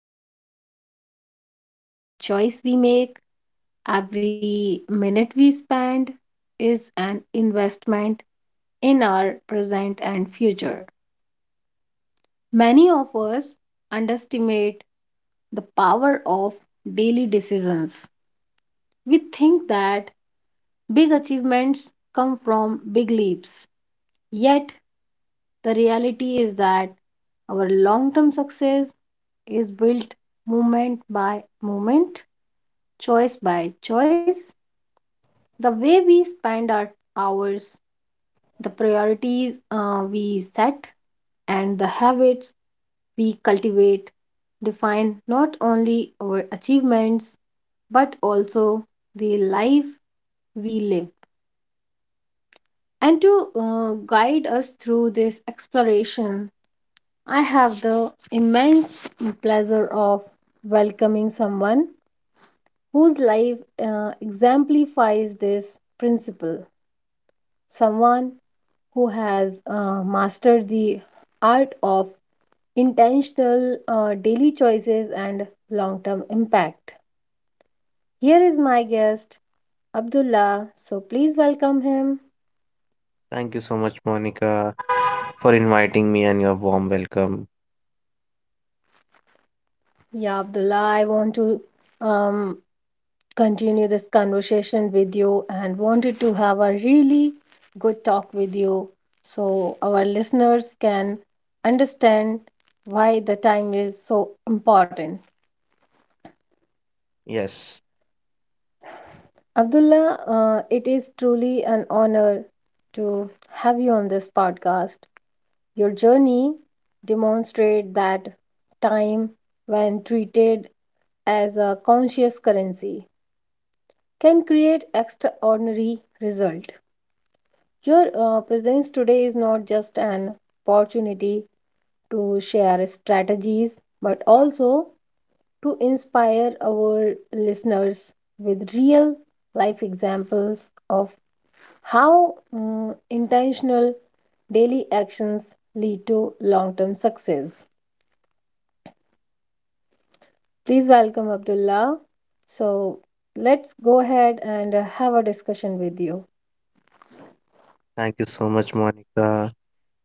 ultimate currency. Every choice we make, every minute we spend is an investment in our present and future. Many of us underestimate the power of daily decisions. We think that big achievements come from big leaps. Yet, the reality is that our long term success is built moment by moment, choice by choice. The way we spend our hours, the priorities we set, and the habits we cultivate define not only our achievements but also the life we live. And to guide us through this exploration, I have the immense pleasure of welcoming someone whose life exemplifies this principle, someone who has mastered the art of intentional daily choices and long term impact. Here is my guest, Abdullah. So please welcome him. Thank you so much, Monica, for inviting me and your warm welcome. Yeah, Abdullah, I want to um, continue this conversation with you and wanted to have a really good talk with you so our listeners can understand why the time is so important. Yes, Abdullah, it is truly an honor to have you on this podcast. Your journey demonstrates that time, when treated as a conscious currency, can create extraordinary result. Your presence today is not just an opportunity to share strategies, but also to inspire our listeners with real life examples of how intentional daily actions lead to long term success. Please welcome Abdullah. So, let's go ahead and have a discussion with you. thank you so much, Monica.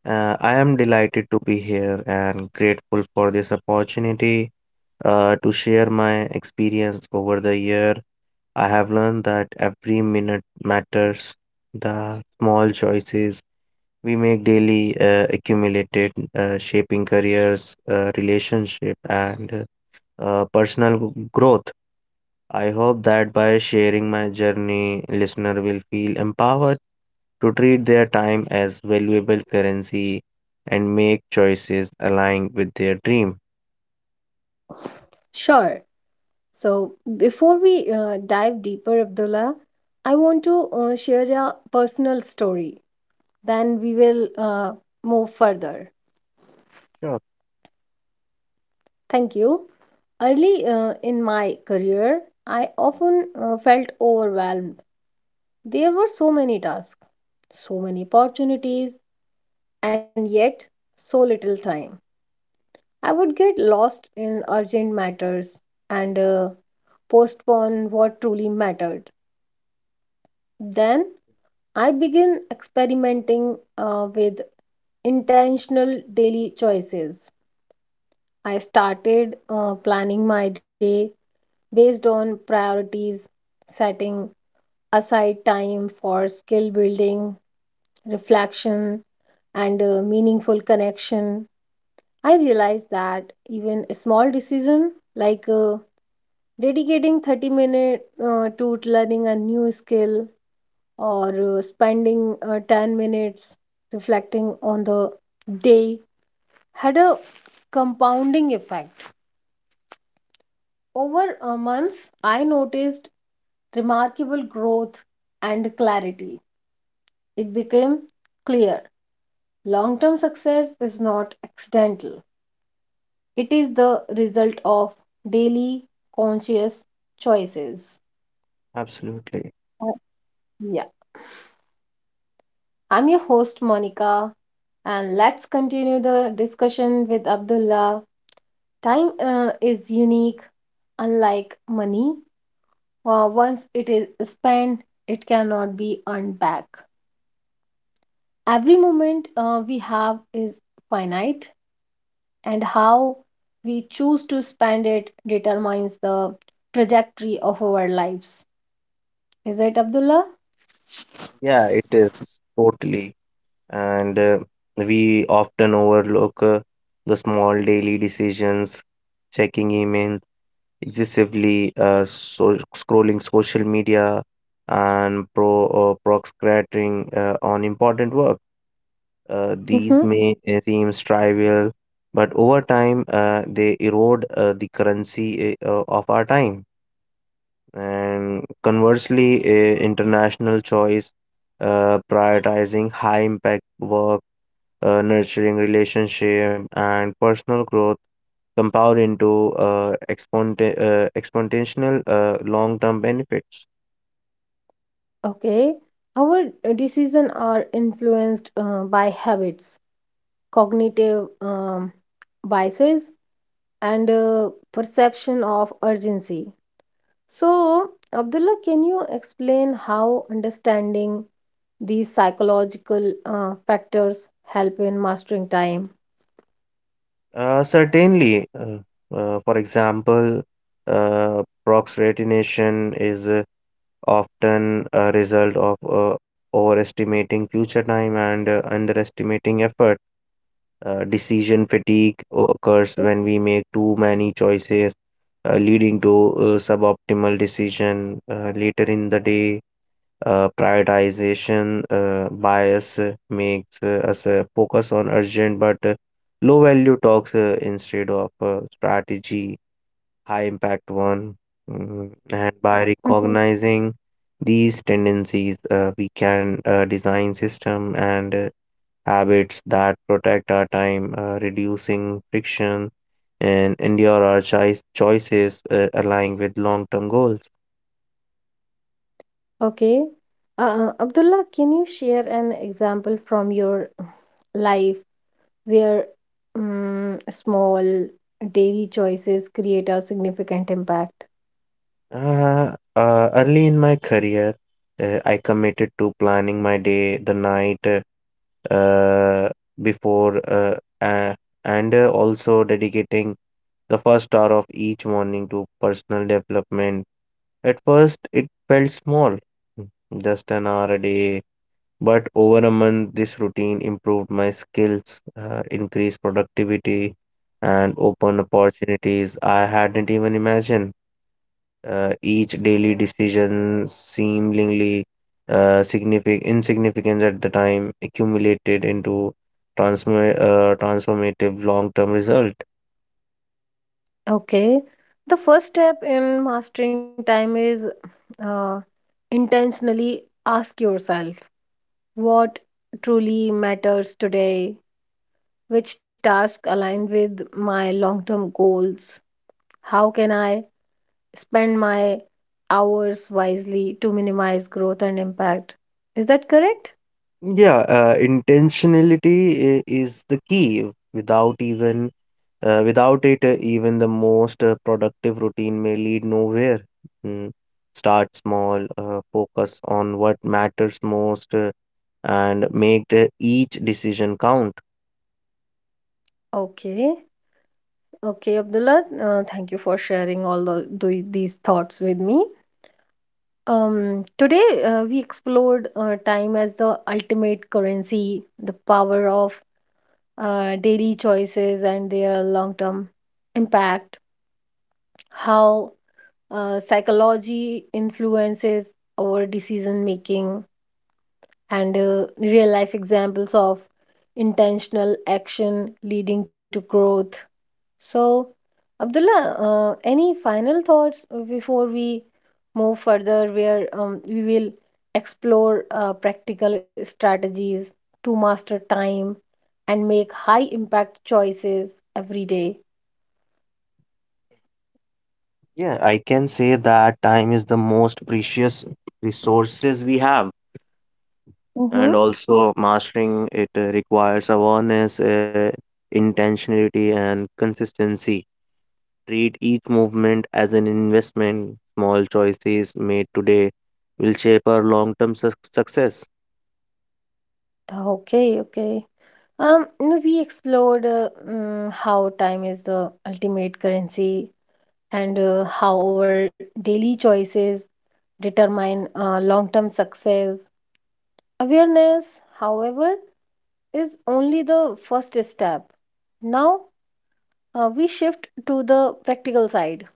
I am delighted to be here and grateful for this opportunity to share my experience over the year. I have learned that every minute matters. The small choices we make daily accumulated, shaping careers, relationship, and personal growth. I hope that by sharing my journey, listener will feel empowered to treat their time as valuable currency and make choices aligned with their dream. Sure. So, before we dive deeper, Abdullah, I want to share a personal story. Then we will move further. Sure, Thank you. Early in my career, I often felt overwhelmed. There were so many tasks, so many opportunities, and yet so little time. I would get lost in urgent matters and postpone what truly mattered. Then I began experimenting with intentional daily choices. I started planning my day based on priorities, setting aside time for skill building, reflection, and meaningful connection. I realized that even a small decision like dedicating 30 minutes to learning a new skill or spending 10 minutes reflecting on the day had a compounding effect. Over months, I noticed remarkable growth and clarity. It became clear long term success is not accidental, it is the result of daily conscious choices. absolutely. Uh, Yeah, I'm your host, Monica, and let's continue the discussion with Abdullah. Time is unique, unlike money. Once it is spent, it cannot be earned back. Every moment we have is finite, and how we choose to spend it determines the trajectory of our lives. Is it Abdullah? Yeah, it is totally. And we often overlook the small daily decisions, checking emails excessively, so scrolling social media, and procrastinating on important work. These Mm-hmm. may seem trivial, but over time they erode the currency of our time. And conversely, international choice, prioritizing high impact work, nurturing relationship, and personal growth compound into exponential long-term benefits. Okay. Our decisions are influenced by habits, cognitive biases, and perception of urgency. So, Abdullah, can you explain how understanding these psychological factors help in mastering time? Certainly, for example, proxyretination is often a result of overestimating future time and underestimating effort. Decision fatigue occurs when we make too many choices, leading to suboptimal decision later in the day. Prioritization bias makes us focus on urgent but low value talks instead of strategy high impact one. And by Mhm. recognizing these tendencies, we can design system and habits that protect our time, reducing friction, and endure our choices aligning with long-term goals. Okay. Abdullah, can you share an example from your life where small daily choices create a significant impact? Uh, Early in my career, I committed to planning my day, the night uh, before, uh, uh, and also dedicating the first hour of each morning to personal development. At first, it felt small, just an hour a day. But over a month, this routine improved my skills, increased productivity, and opened opportunities I hadn't even imagined. Each daily decision, seemingly significant, insignificant at the time, accumulated into transformative long-term result. Okay. The first step in mastering time is uh, intentionally ask yourself. What truly matters today, which task align with my long term goals, how can I spend my hours wisely to minimize growth and impact. Is that correct? Yeah, intentionality is the key. Without it, even the most productive routine may lead nowhere. Mm. Start small, focus on what matters most, and make each decision count. Okay. Okay, Abdullah, thank you for sharing all these thoughts with me. Today, we explored time as the ultimate currency, the power of daily choices and their long term impact, how psychology influences our decision making and real life examples of intentional action leading to growth. So Abdullah, any final thoughts before we move further, where we will explore practical strategies to master time and make high impact choices every day. Yeah, I can say that time is the most precious resources we have, Mm-hmm. and also mastering it requires awareness, intentionality, and consistency. Treat each movement as an investment. Small choices made today will shape our long term success. Okay, okay. You know, we explored how time is the ultimate currency and how our daily choices determine long-term success. Awareness, however, is only the first step. Now, we shift to the practical side.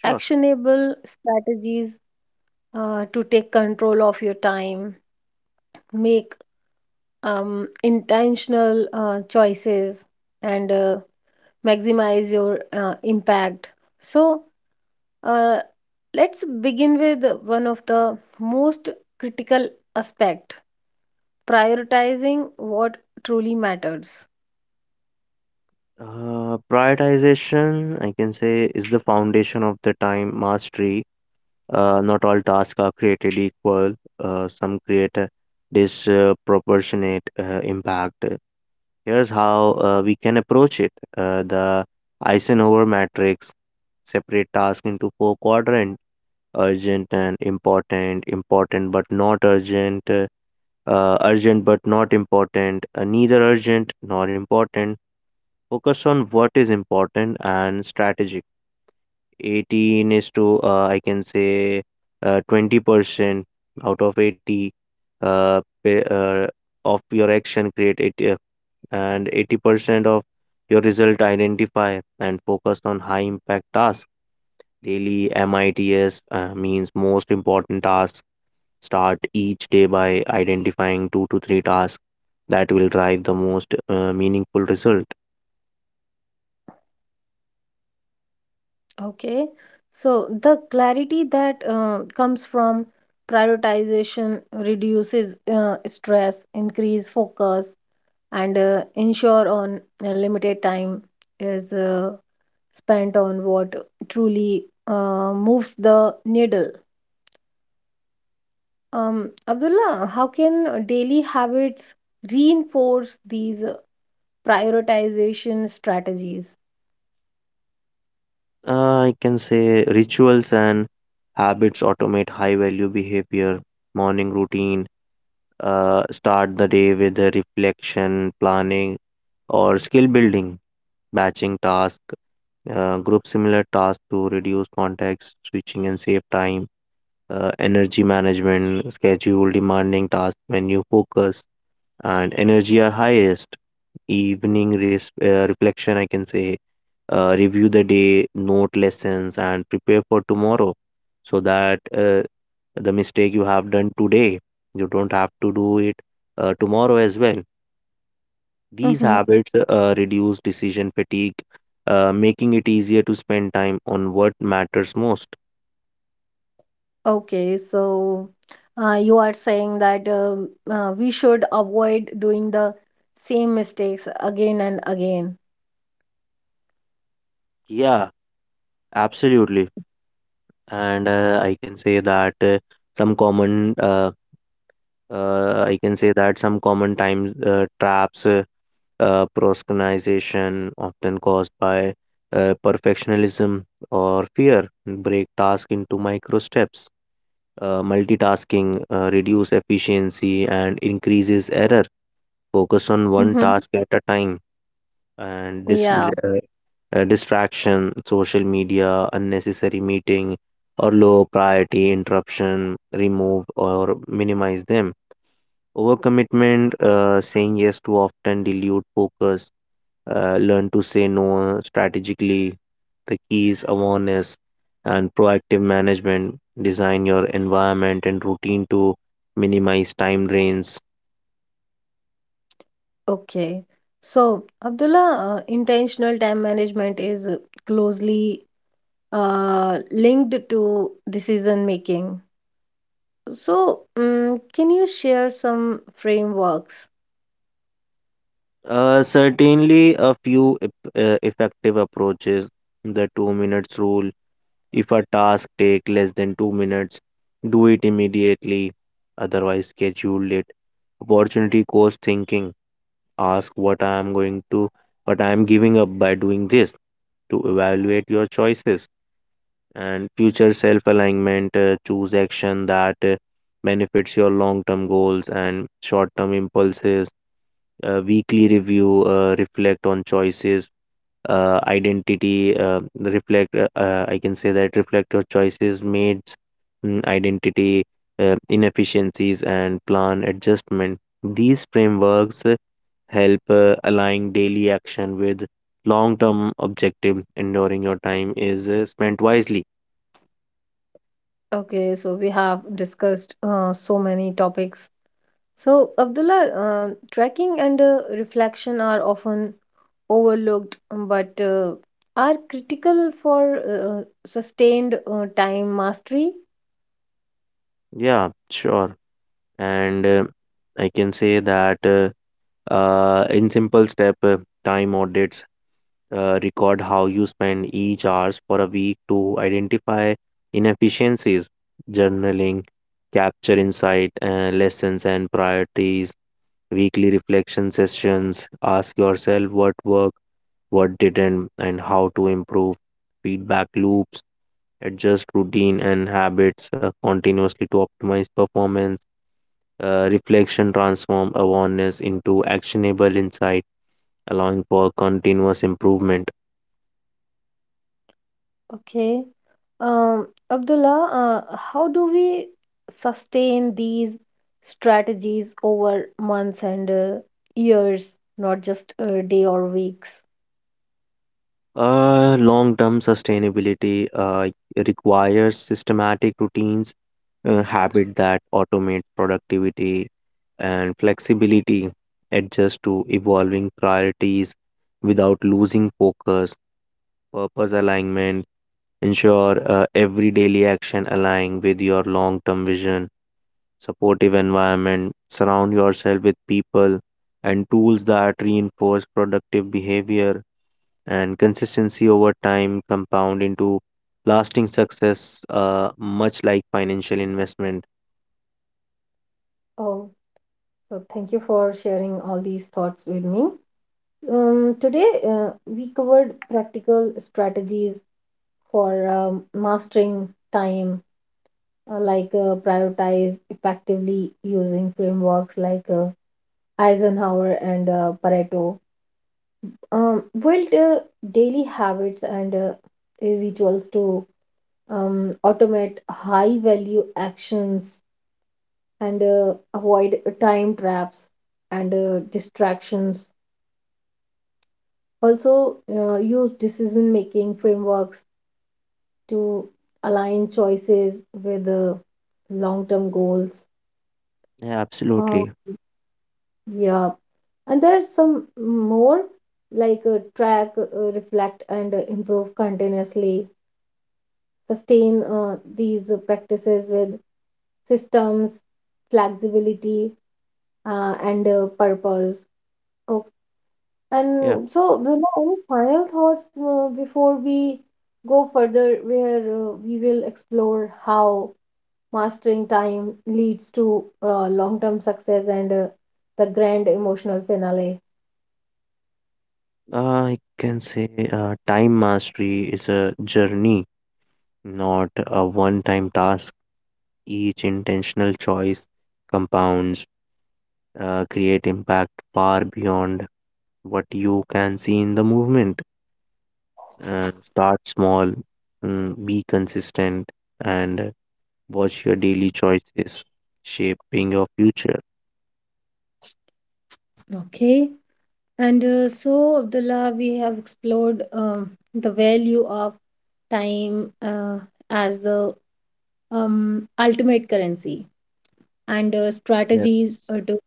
Sure. Actionable strategies to take control of your time, make intentional choices, and maximize your impact. So uh, let's begin with one of the most critical aspect, prioritizing what truly matters. Prioritization, I can say, is the foundation of the time mastery. Not all tasks are created equal, some create a disproportionate impact. Here's how we can approach it: the Eisenhower matrix, separate tasks into four quadrants: urgent and important, important but not urgent, urgent but not important, neither urgent nor important. Focus on what is important and strategic. 18 is to, I can say, 20% out of 80 uh, pa- uh, of your action create it and 80% of your result. Identify and focus on high impact tasks daily. Mits means most important tasks. Start each day by identifying two to three tasks that will drive the most meaningful result. Okay, so the clarity that comes from prioritization reduces stress, increase focus, and ensure on a limited time is spent on what truly moves the needle. Abdullah, how can daily habits reinforce these prioritization strategies? I can say rituals and habits automate high value behavior: morning routine, start the day with a reflection, planning, or skill building; batching task, group similar tasks to reduce context switching and save time; energy management, schedule demanding tasks when you focus and energy are highest. Evening reflection, I can say, review the day, note lessons, and prepare for tomorrow so that the mistake you have done today, you don't have to do it tomorrow as well. These Hmm. habits reduce decision fatigue, making it easier to spend time on what matters most. Okay, so you are saying that we should avoid doing the same mistakes again and again. Yeah, absolutely. And I can say that some common I can say that some common time traps, procrastination, often caused by perfectionism or fear, break task into micro steps. Multitasking reduce efficiency and increases error. Focus on one Hmm. task at a time and Yeah, uh, distraction, social media, unnecessary meeting, or low priority interruption, remove or minimize them. Overcommitment, saying yes too often dilute focus, learn to say no strategically. The key is awareness and proactive management. Design your environment and routine to minimize time drains. okay. So, Abdullah, intentional time management is closely linked to decision making. So, can you share some frameworks? Certainly, a few effective approaches: the 2 minutes rule. If a task take less than 2 minutes, do it immediately; otherwise, schedule it. Opportunity cost thinking. Ask what I am going to, what I am giving up by doing this to evaluate your choices and future self alignment. Choose action that benefits your long term goals and short term impulses. Weekly review, reflect on choices, identity, I can say that reflect your choices, made identity, inefficiencies, and plan adjustment. These frameworks help aligning daily action with long term objective enduring your time is spent wisely. Okay, so we have discussed so many topics. So, Abdullah, tracking and reflection are often overlooked, but are critical for sustained time mastery. Yeah, sure. And I can say that in simple step: time audits, record how you spend each hours for a week to identify inefficiencies; journaling, capture insight, lessons and priorities; weekly reflection sessions, ask yourself what worked, what didn't, and how to improve; feedback loops, adjust routine and habits continuously to optimize performance. Reflection transform awareness into actionable insight, allowing for continuous improvement. Okay. Um, Abdullah, how do we sustain these strategies over months and years, not just a day or weeks? Long-term sustainability requires systematic routines, habit that automate productivity; and flexibility, adjust to evolving priorities without losing focus; purpose alignment, ensure every daily action align with your long-term vision; supportive environment, surround yourself with people and tools that reinforce productive behavior, and consistency over time compound into lasting success, much like financial investment. Oh, so thank you for sharing all these thoughts with me. Today, we covered practical strategies for mastering time, like prioritize effectively using frameworks like Eisenhower and Pareto, build daily habits and rituals to automate high value actions and avoid time traps and distractions. Also, use decision making frameworks to align choices with long term goals. Yeah, Uh, absolutely. yeah, and there's some more like track, reflect, and improve continuously, sustain these practices with systems, flexibility, and purpose. Okay. Yeah, And so, there are any final thoughts before we go further, where we will explore how mastering time leads to long-term success and the grand emotional finale. I can say time mastery is a journey, not a one time task. Each intentional choice compounds, create impact far beyond what you can see in the movement. Start small, be consistent, and watch your daily choices shaping your future. Okay, and so Abdullah, we have explored the value of time as the ultimate currency and Yes. strategies to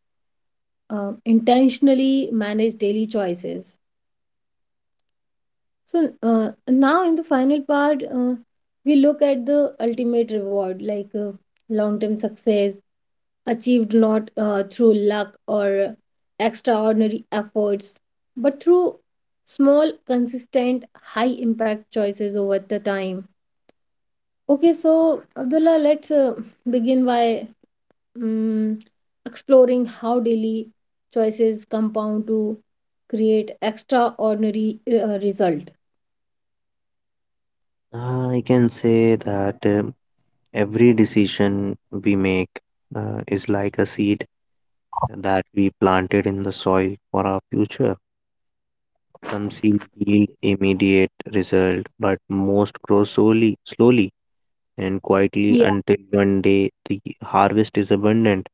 intentionally manage daily choices. So now in the final part, we look at the ultimate reward, like long-term success achieved not through luck or extraordinary efforts, but through small, consistent, high-impact choices over the time. Okay, so Abdullah, let's begin by mm, exploring how daily choices compound to create extraordinary result. I can say that every decision we make is like a seed that we planted in the soil for our future. Some seed yield immediate result, but most grow slowly, slowly and quietly Yeah. until one day the harvest is abundant.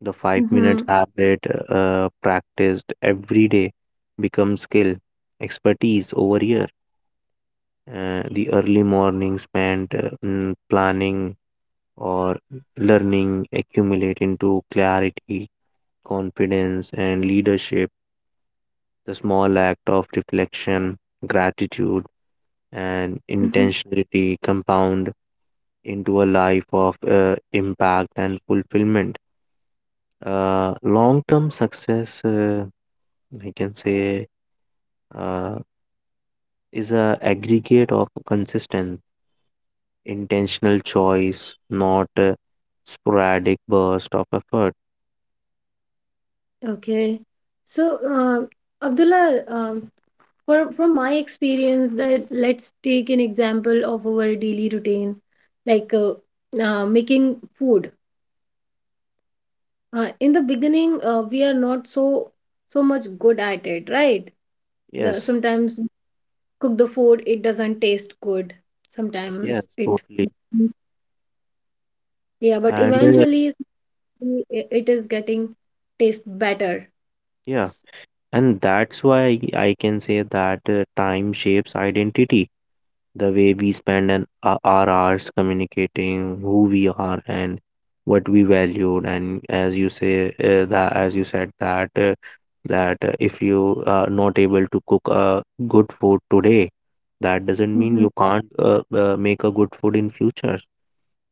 The five Mm-hmm. minutes habit practiced every day becomes skill, expertise over years. The early morning spent planning or learning accumulate into clarity, confidence, and leadership. The small act of reflection, gratitude, and Mm-hmm. intentionality compound into a life of impact and fulfillment. Long term success, I can say, uh, is a aggregate of consistency intentional choice, not a sporadic burst of effort. Okay. So, Abdullah, from my experience, that let's take an example of our daily routine, like making food. In the beginning, we are not so much good at it, right? The Yes, sometimes cook the food, it doesn't taste good. yes, Sometimes it, totally. mm, yeah, but And eventually s- I- it is getting taste better. yeah, S-, and that's why I can say that time shapes identity. The way we spend our hours communicating who we are and what we valued. And as you said that if you are not able to cook a good food today, that doesn't mean mhm. you can't make a good food in future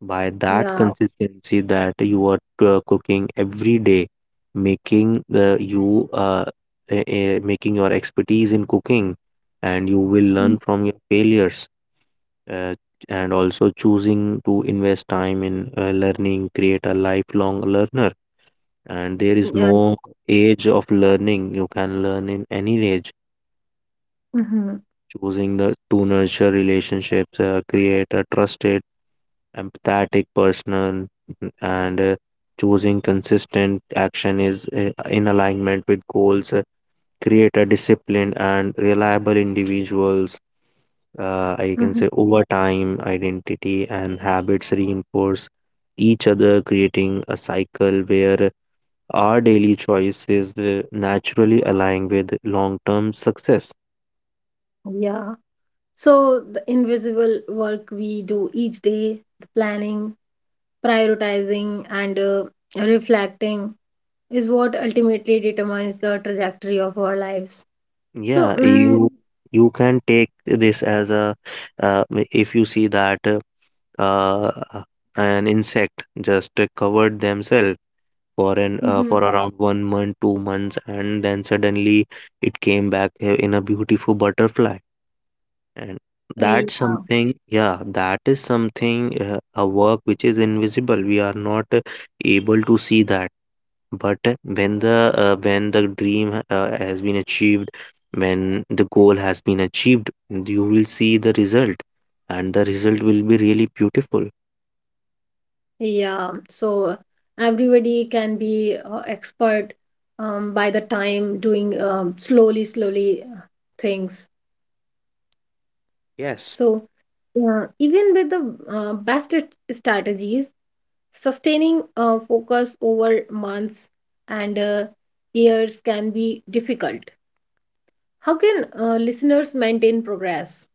by that Yeah, consistency that you are cooking every day, making you uh, making your expertise in cooking, and you will mm. learn from your failures. uh, and also choosing to invest time in learning create a lifelong learner, and there is Yeah, no age of learning, you can learn in any age. hmm, Choosing the to nurture relationships create a trusted empathetic person, and choosing consistent action is in alignment with goals create a disciplined and reliable individuals. I can hmm, say over time, identity and habits reinforce each other, creating a cycle where our daily choices naturally align with long-term success. yeah. So the invisible work we do each day, the planning, prioritizing, and reflecting is what ultimately determines the trajectory of our lives. So, Yeah, mm, you can take this if you see that uh, an insect just covered themselves for an mhm, for around 1 month, 2 months, and then suddenly it came back in a beautiful butterfly. And that's yeah. something, yeah, that is something, a work which is invisible. We are not able to see that. But when the dream has been achieved, when the goal has been achieved, you will see the result, and the result will be really beautiful. Yeah, so everybody can be expert by the time doing slowly, slowly things. Yes, So even with the strategies, sustaining focus over months and years can be difficult. How can listeners maintain progress?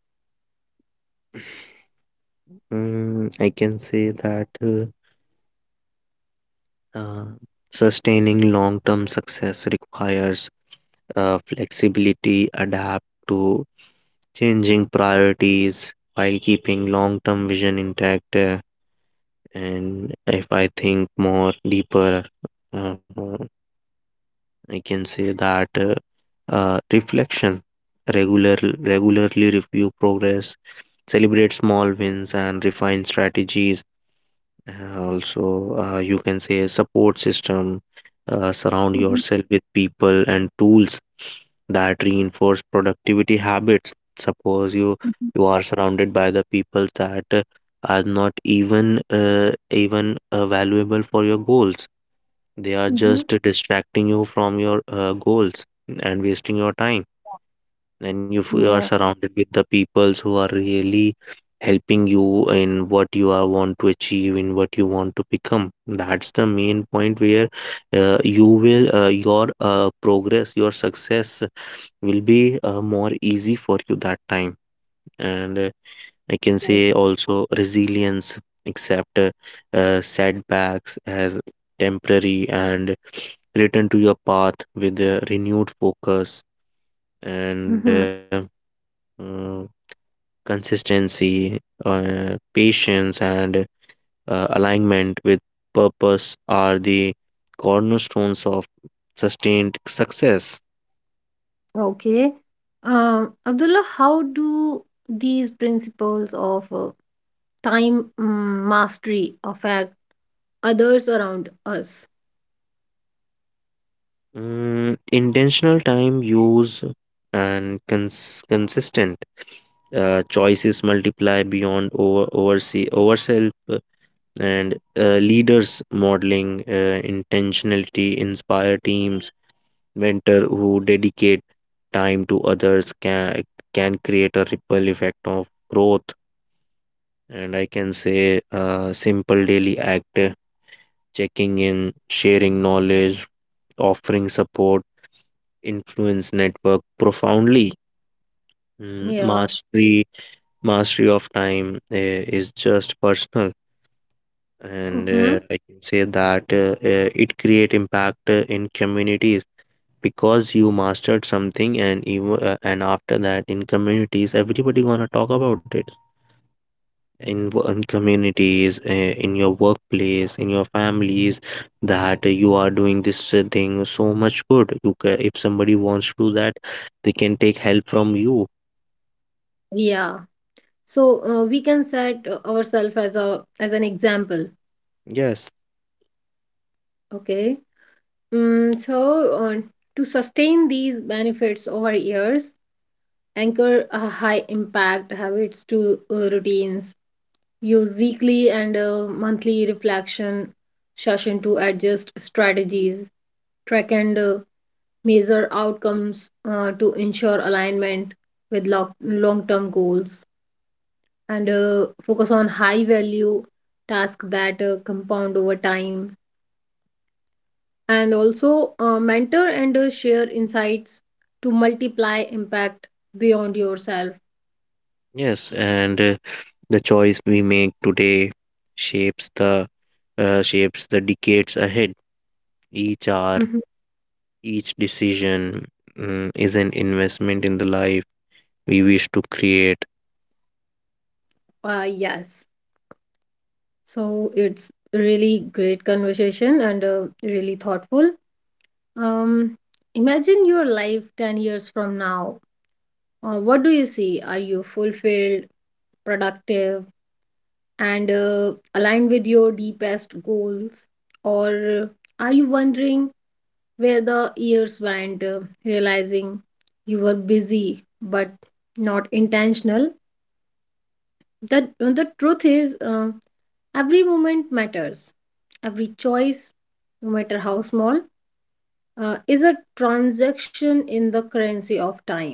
I can say that uh, sustaining long-term success requires flexibility, adapt to. Changing priorities while keeping long term vision intact. And if I think more deeper, uh, I can say that reflection, regularly review progress, celebrate small wins, and refine strategies. Also, you can say support system, surround Mm-hmm. yourself with people and tools that reinforce productivity habits. Suppose you are surrounded by the people that are not even valuable for your goals. They are Mm-hmm. just distracting you from your goals and wasting your time. And if you are Yeah. surrounded with the peoples who are really helping you in what you are want to achieve, in what you want to become, that's the main point where you will your progress, your success will be more easy for you that time. And I can Right. say also resilience, accept setbacks as temporary and return to your path with a renewed focus. And Mhm. uh, consistency, patience, and alignment with purpose are the cornerstones of sustained success. Okay. Abdullah, how do these principles of time mastery affect others around us? Intentional time use and consistent choices multiply beyond over oversee overself. And leaders modeling intentionality inspire teams. Mentor who dedicate time to others can create a ripple effect of growth. And I can say a simple daily act, checking in, sharing knowledge, offering support, influence network profoundly. Mm, Yeah. mastery Mastery of time is just personal. And Mm-hmm. I can say that it create impact in communities, because you mastered something. And even and after that in communities, everybody gonna talk about it, in communities, in your workplace, in your families, that you are doing this thing so much good. You ca If somebody wants to do that, they can take help from you. Yeah. So we can set ourselves as a as an example. Yes, Okay. Mm, so uh, to sustain these benefits over years, anchor high impact habits to routines. Use weekly and monthly reflection session to adjust strategies, track and measure outcomes to ensure alignment with long term goals, and focus on high value tasks that compound over time. And also mentor and share insights to multiply impact beyond yourself. yes. And the choice we make today shapes the shapes the decades ahead. Each hour, Mhm. each decision, is an investment in the life we wish to create. Yes. So it's really great conversation and really thoughtful. Um, imagine your life 10 years from now. What do you see? Are you fulfilled, productive, and aligned with your deepest goals? Or are you wondering where the years went, realizing you were busy but not intentional? The truth is, every moment matters. Every choice, no matter how small, is a transaction in the currency of time.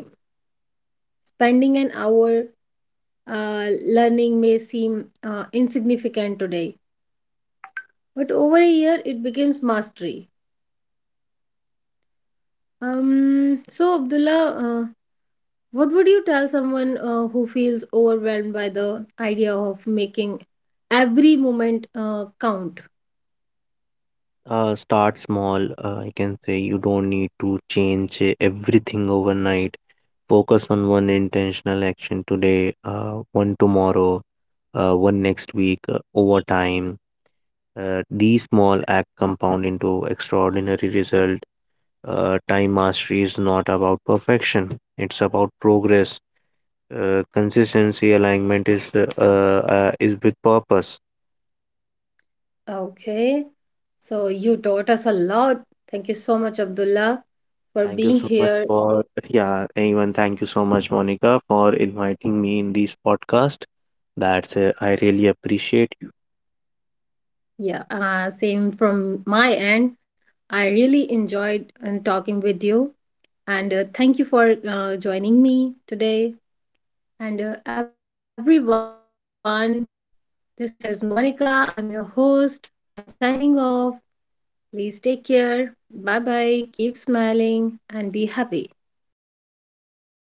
Spending an hour learning may seem insignificant today, but over a year it becomes mastery. So, Abdullah, what would you tell someone who feels overwhelmed by the idea of making every moment count? Start small, I can say you don't need to change everything overnight. Focus on one intentional action today, one tomorrow, one next week, over time. These small acts compound into extraordinary result. Time mastery is not about perfection; it's about progress. Consistency alignment is with purpose. Okay, so you taught us a lot. Thank you so much, Abdullah, for Thank you being so much here. for, Yeah, thank you so much, Monica, for inviting me in this podcast. I really appreciate Yeah, same from my end. I really enjoyed talking with you. And thank you for joining me today. And everyone, this is Monica. I'm your host. I'm signing off. Please take care. Bye bye. Keep smiling and be happy.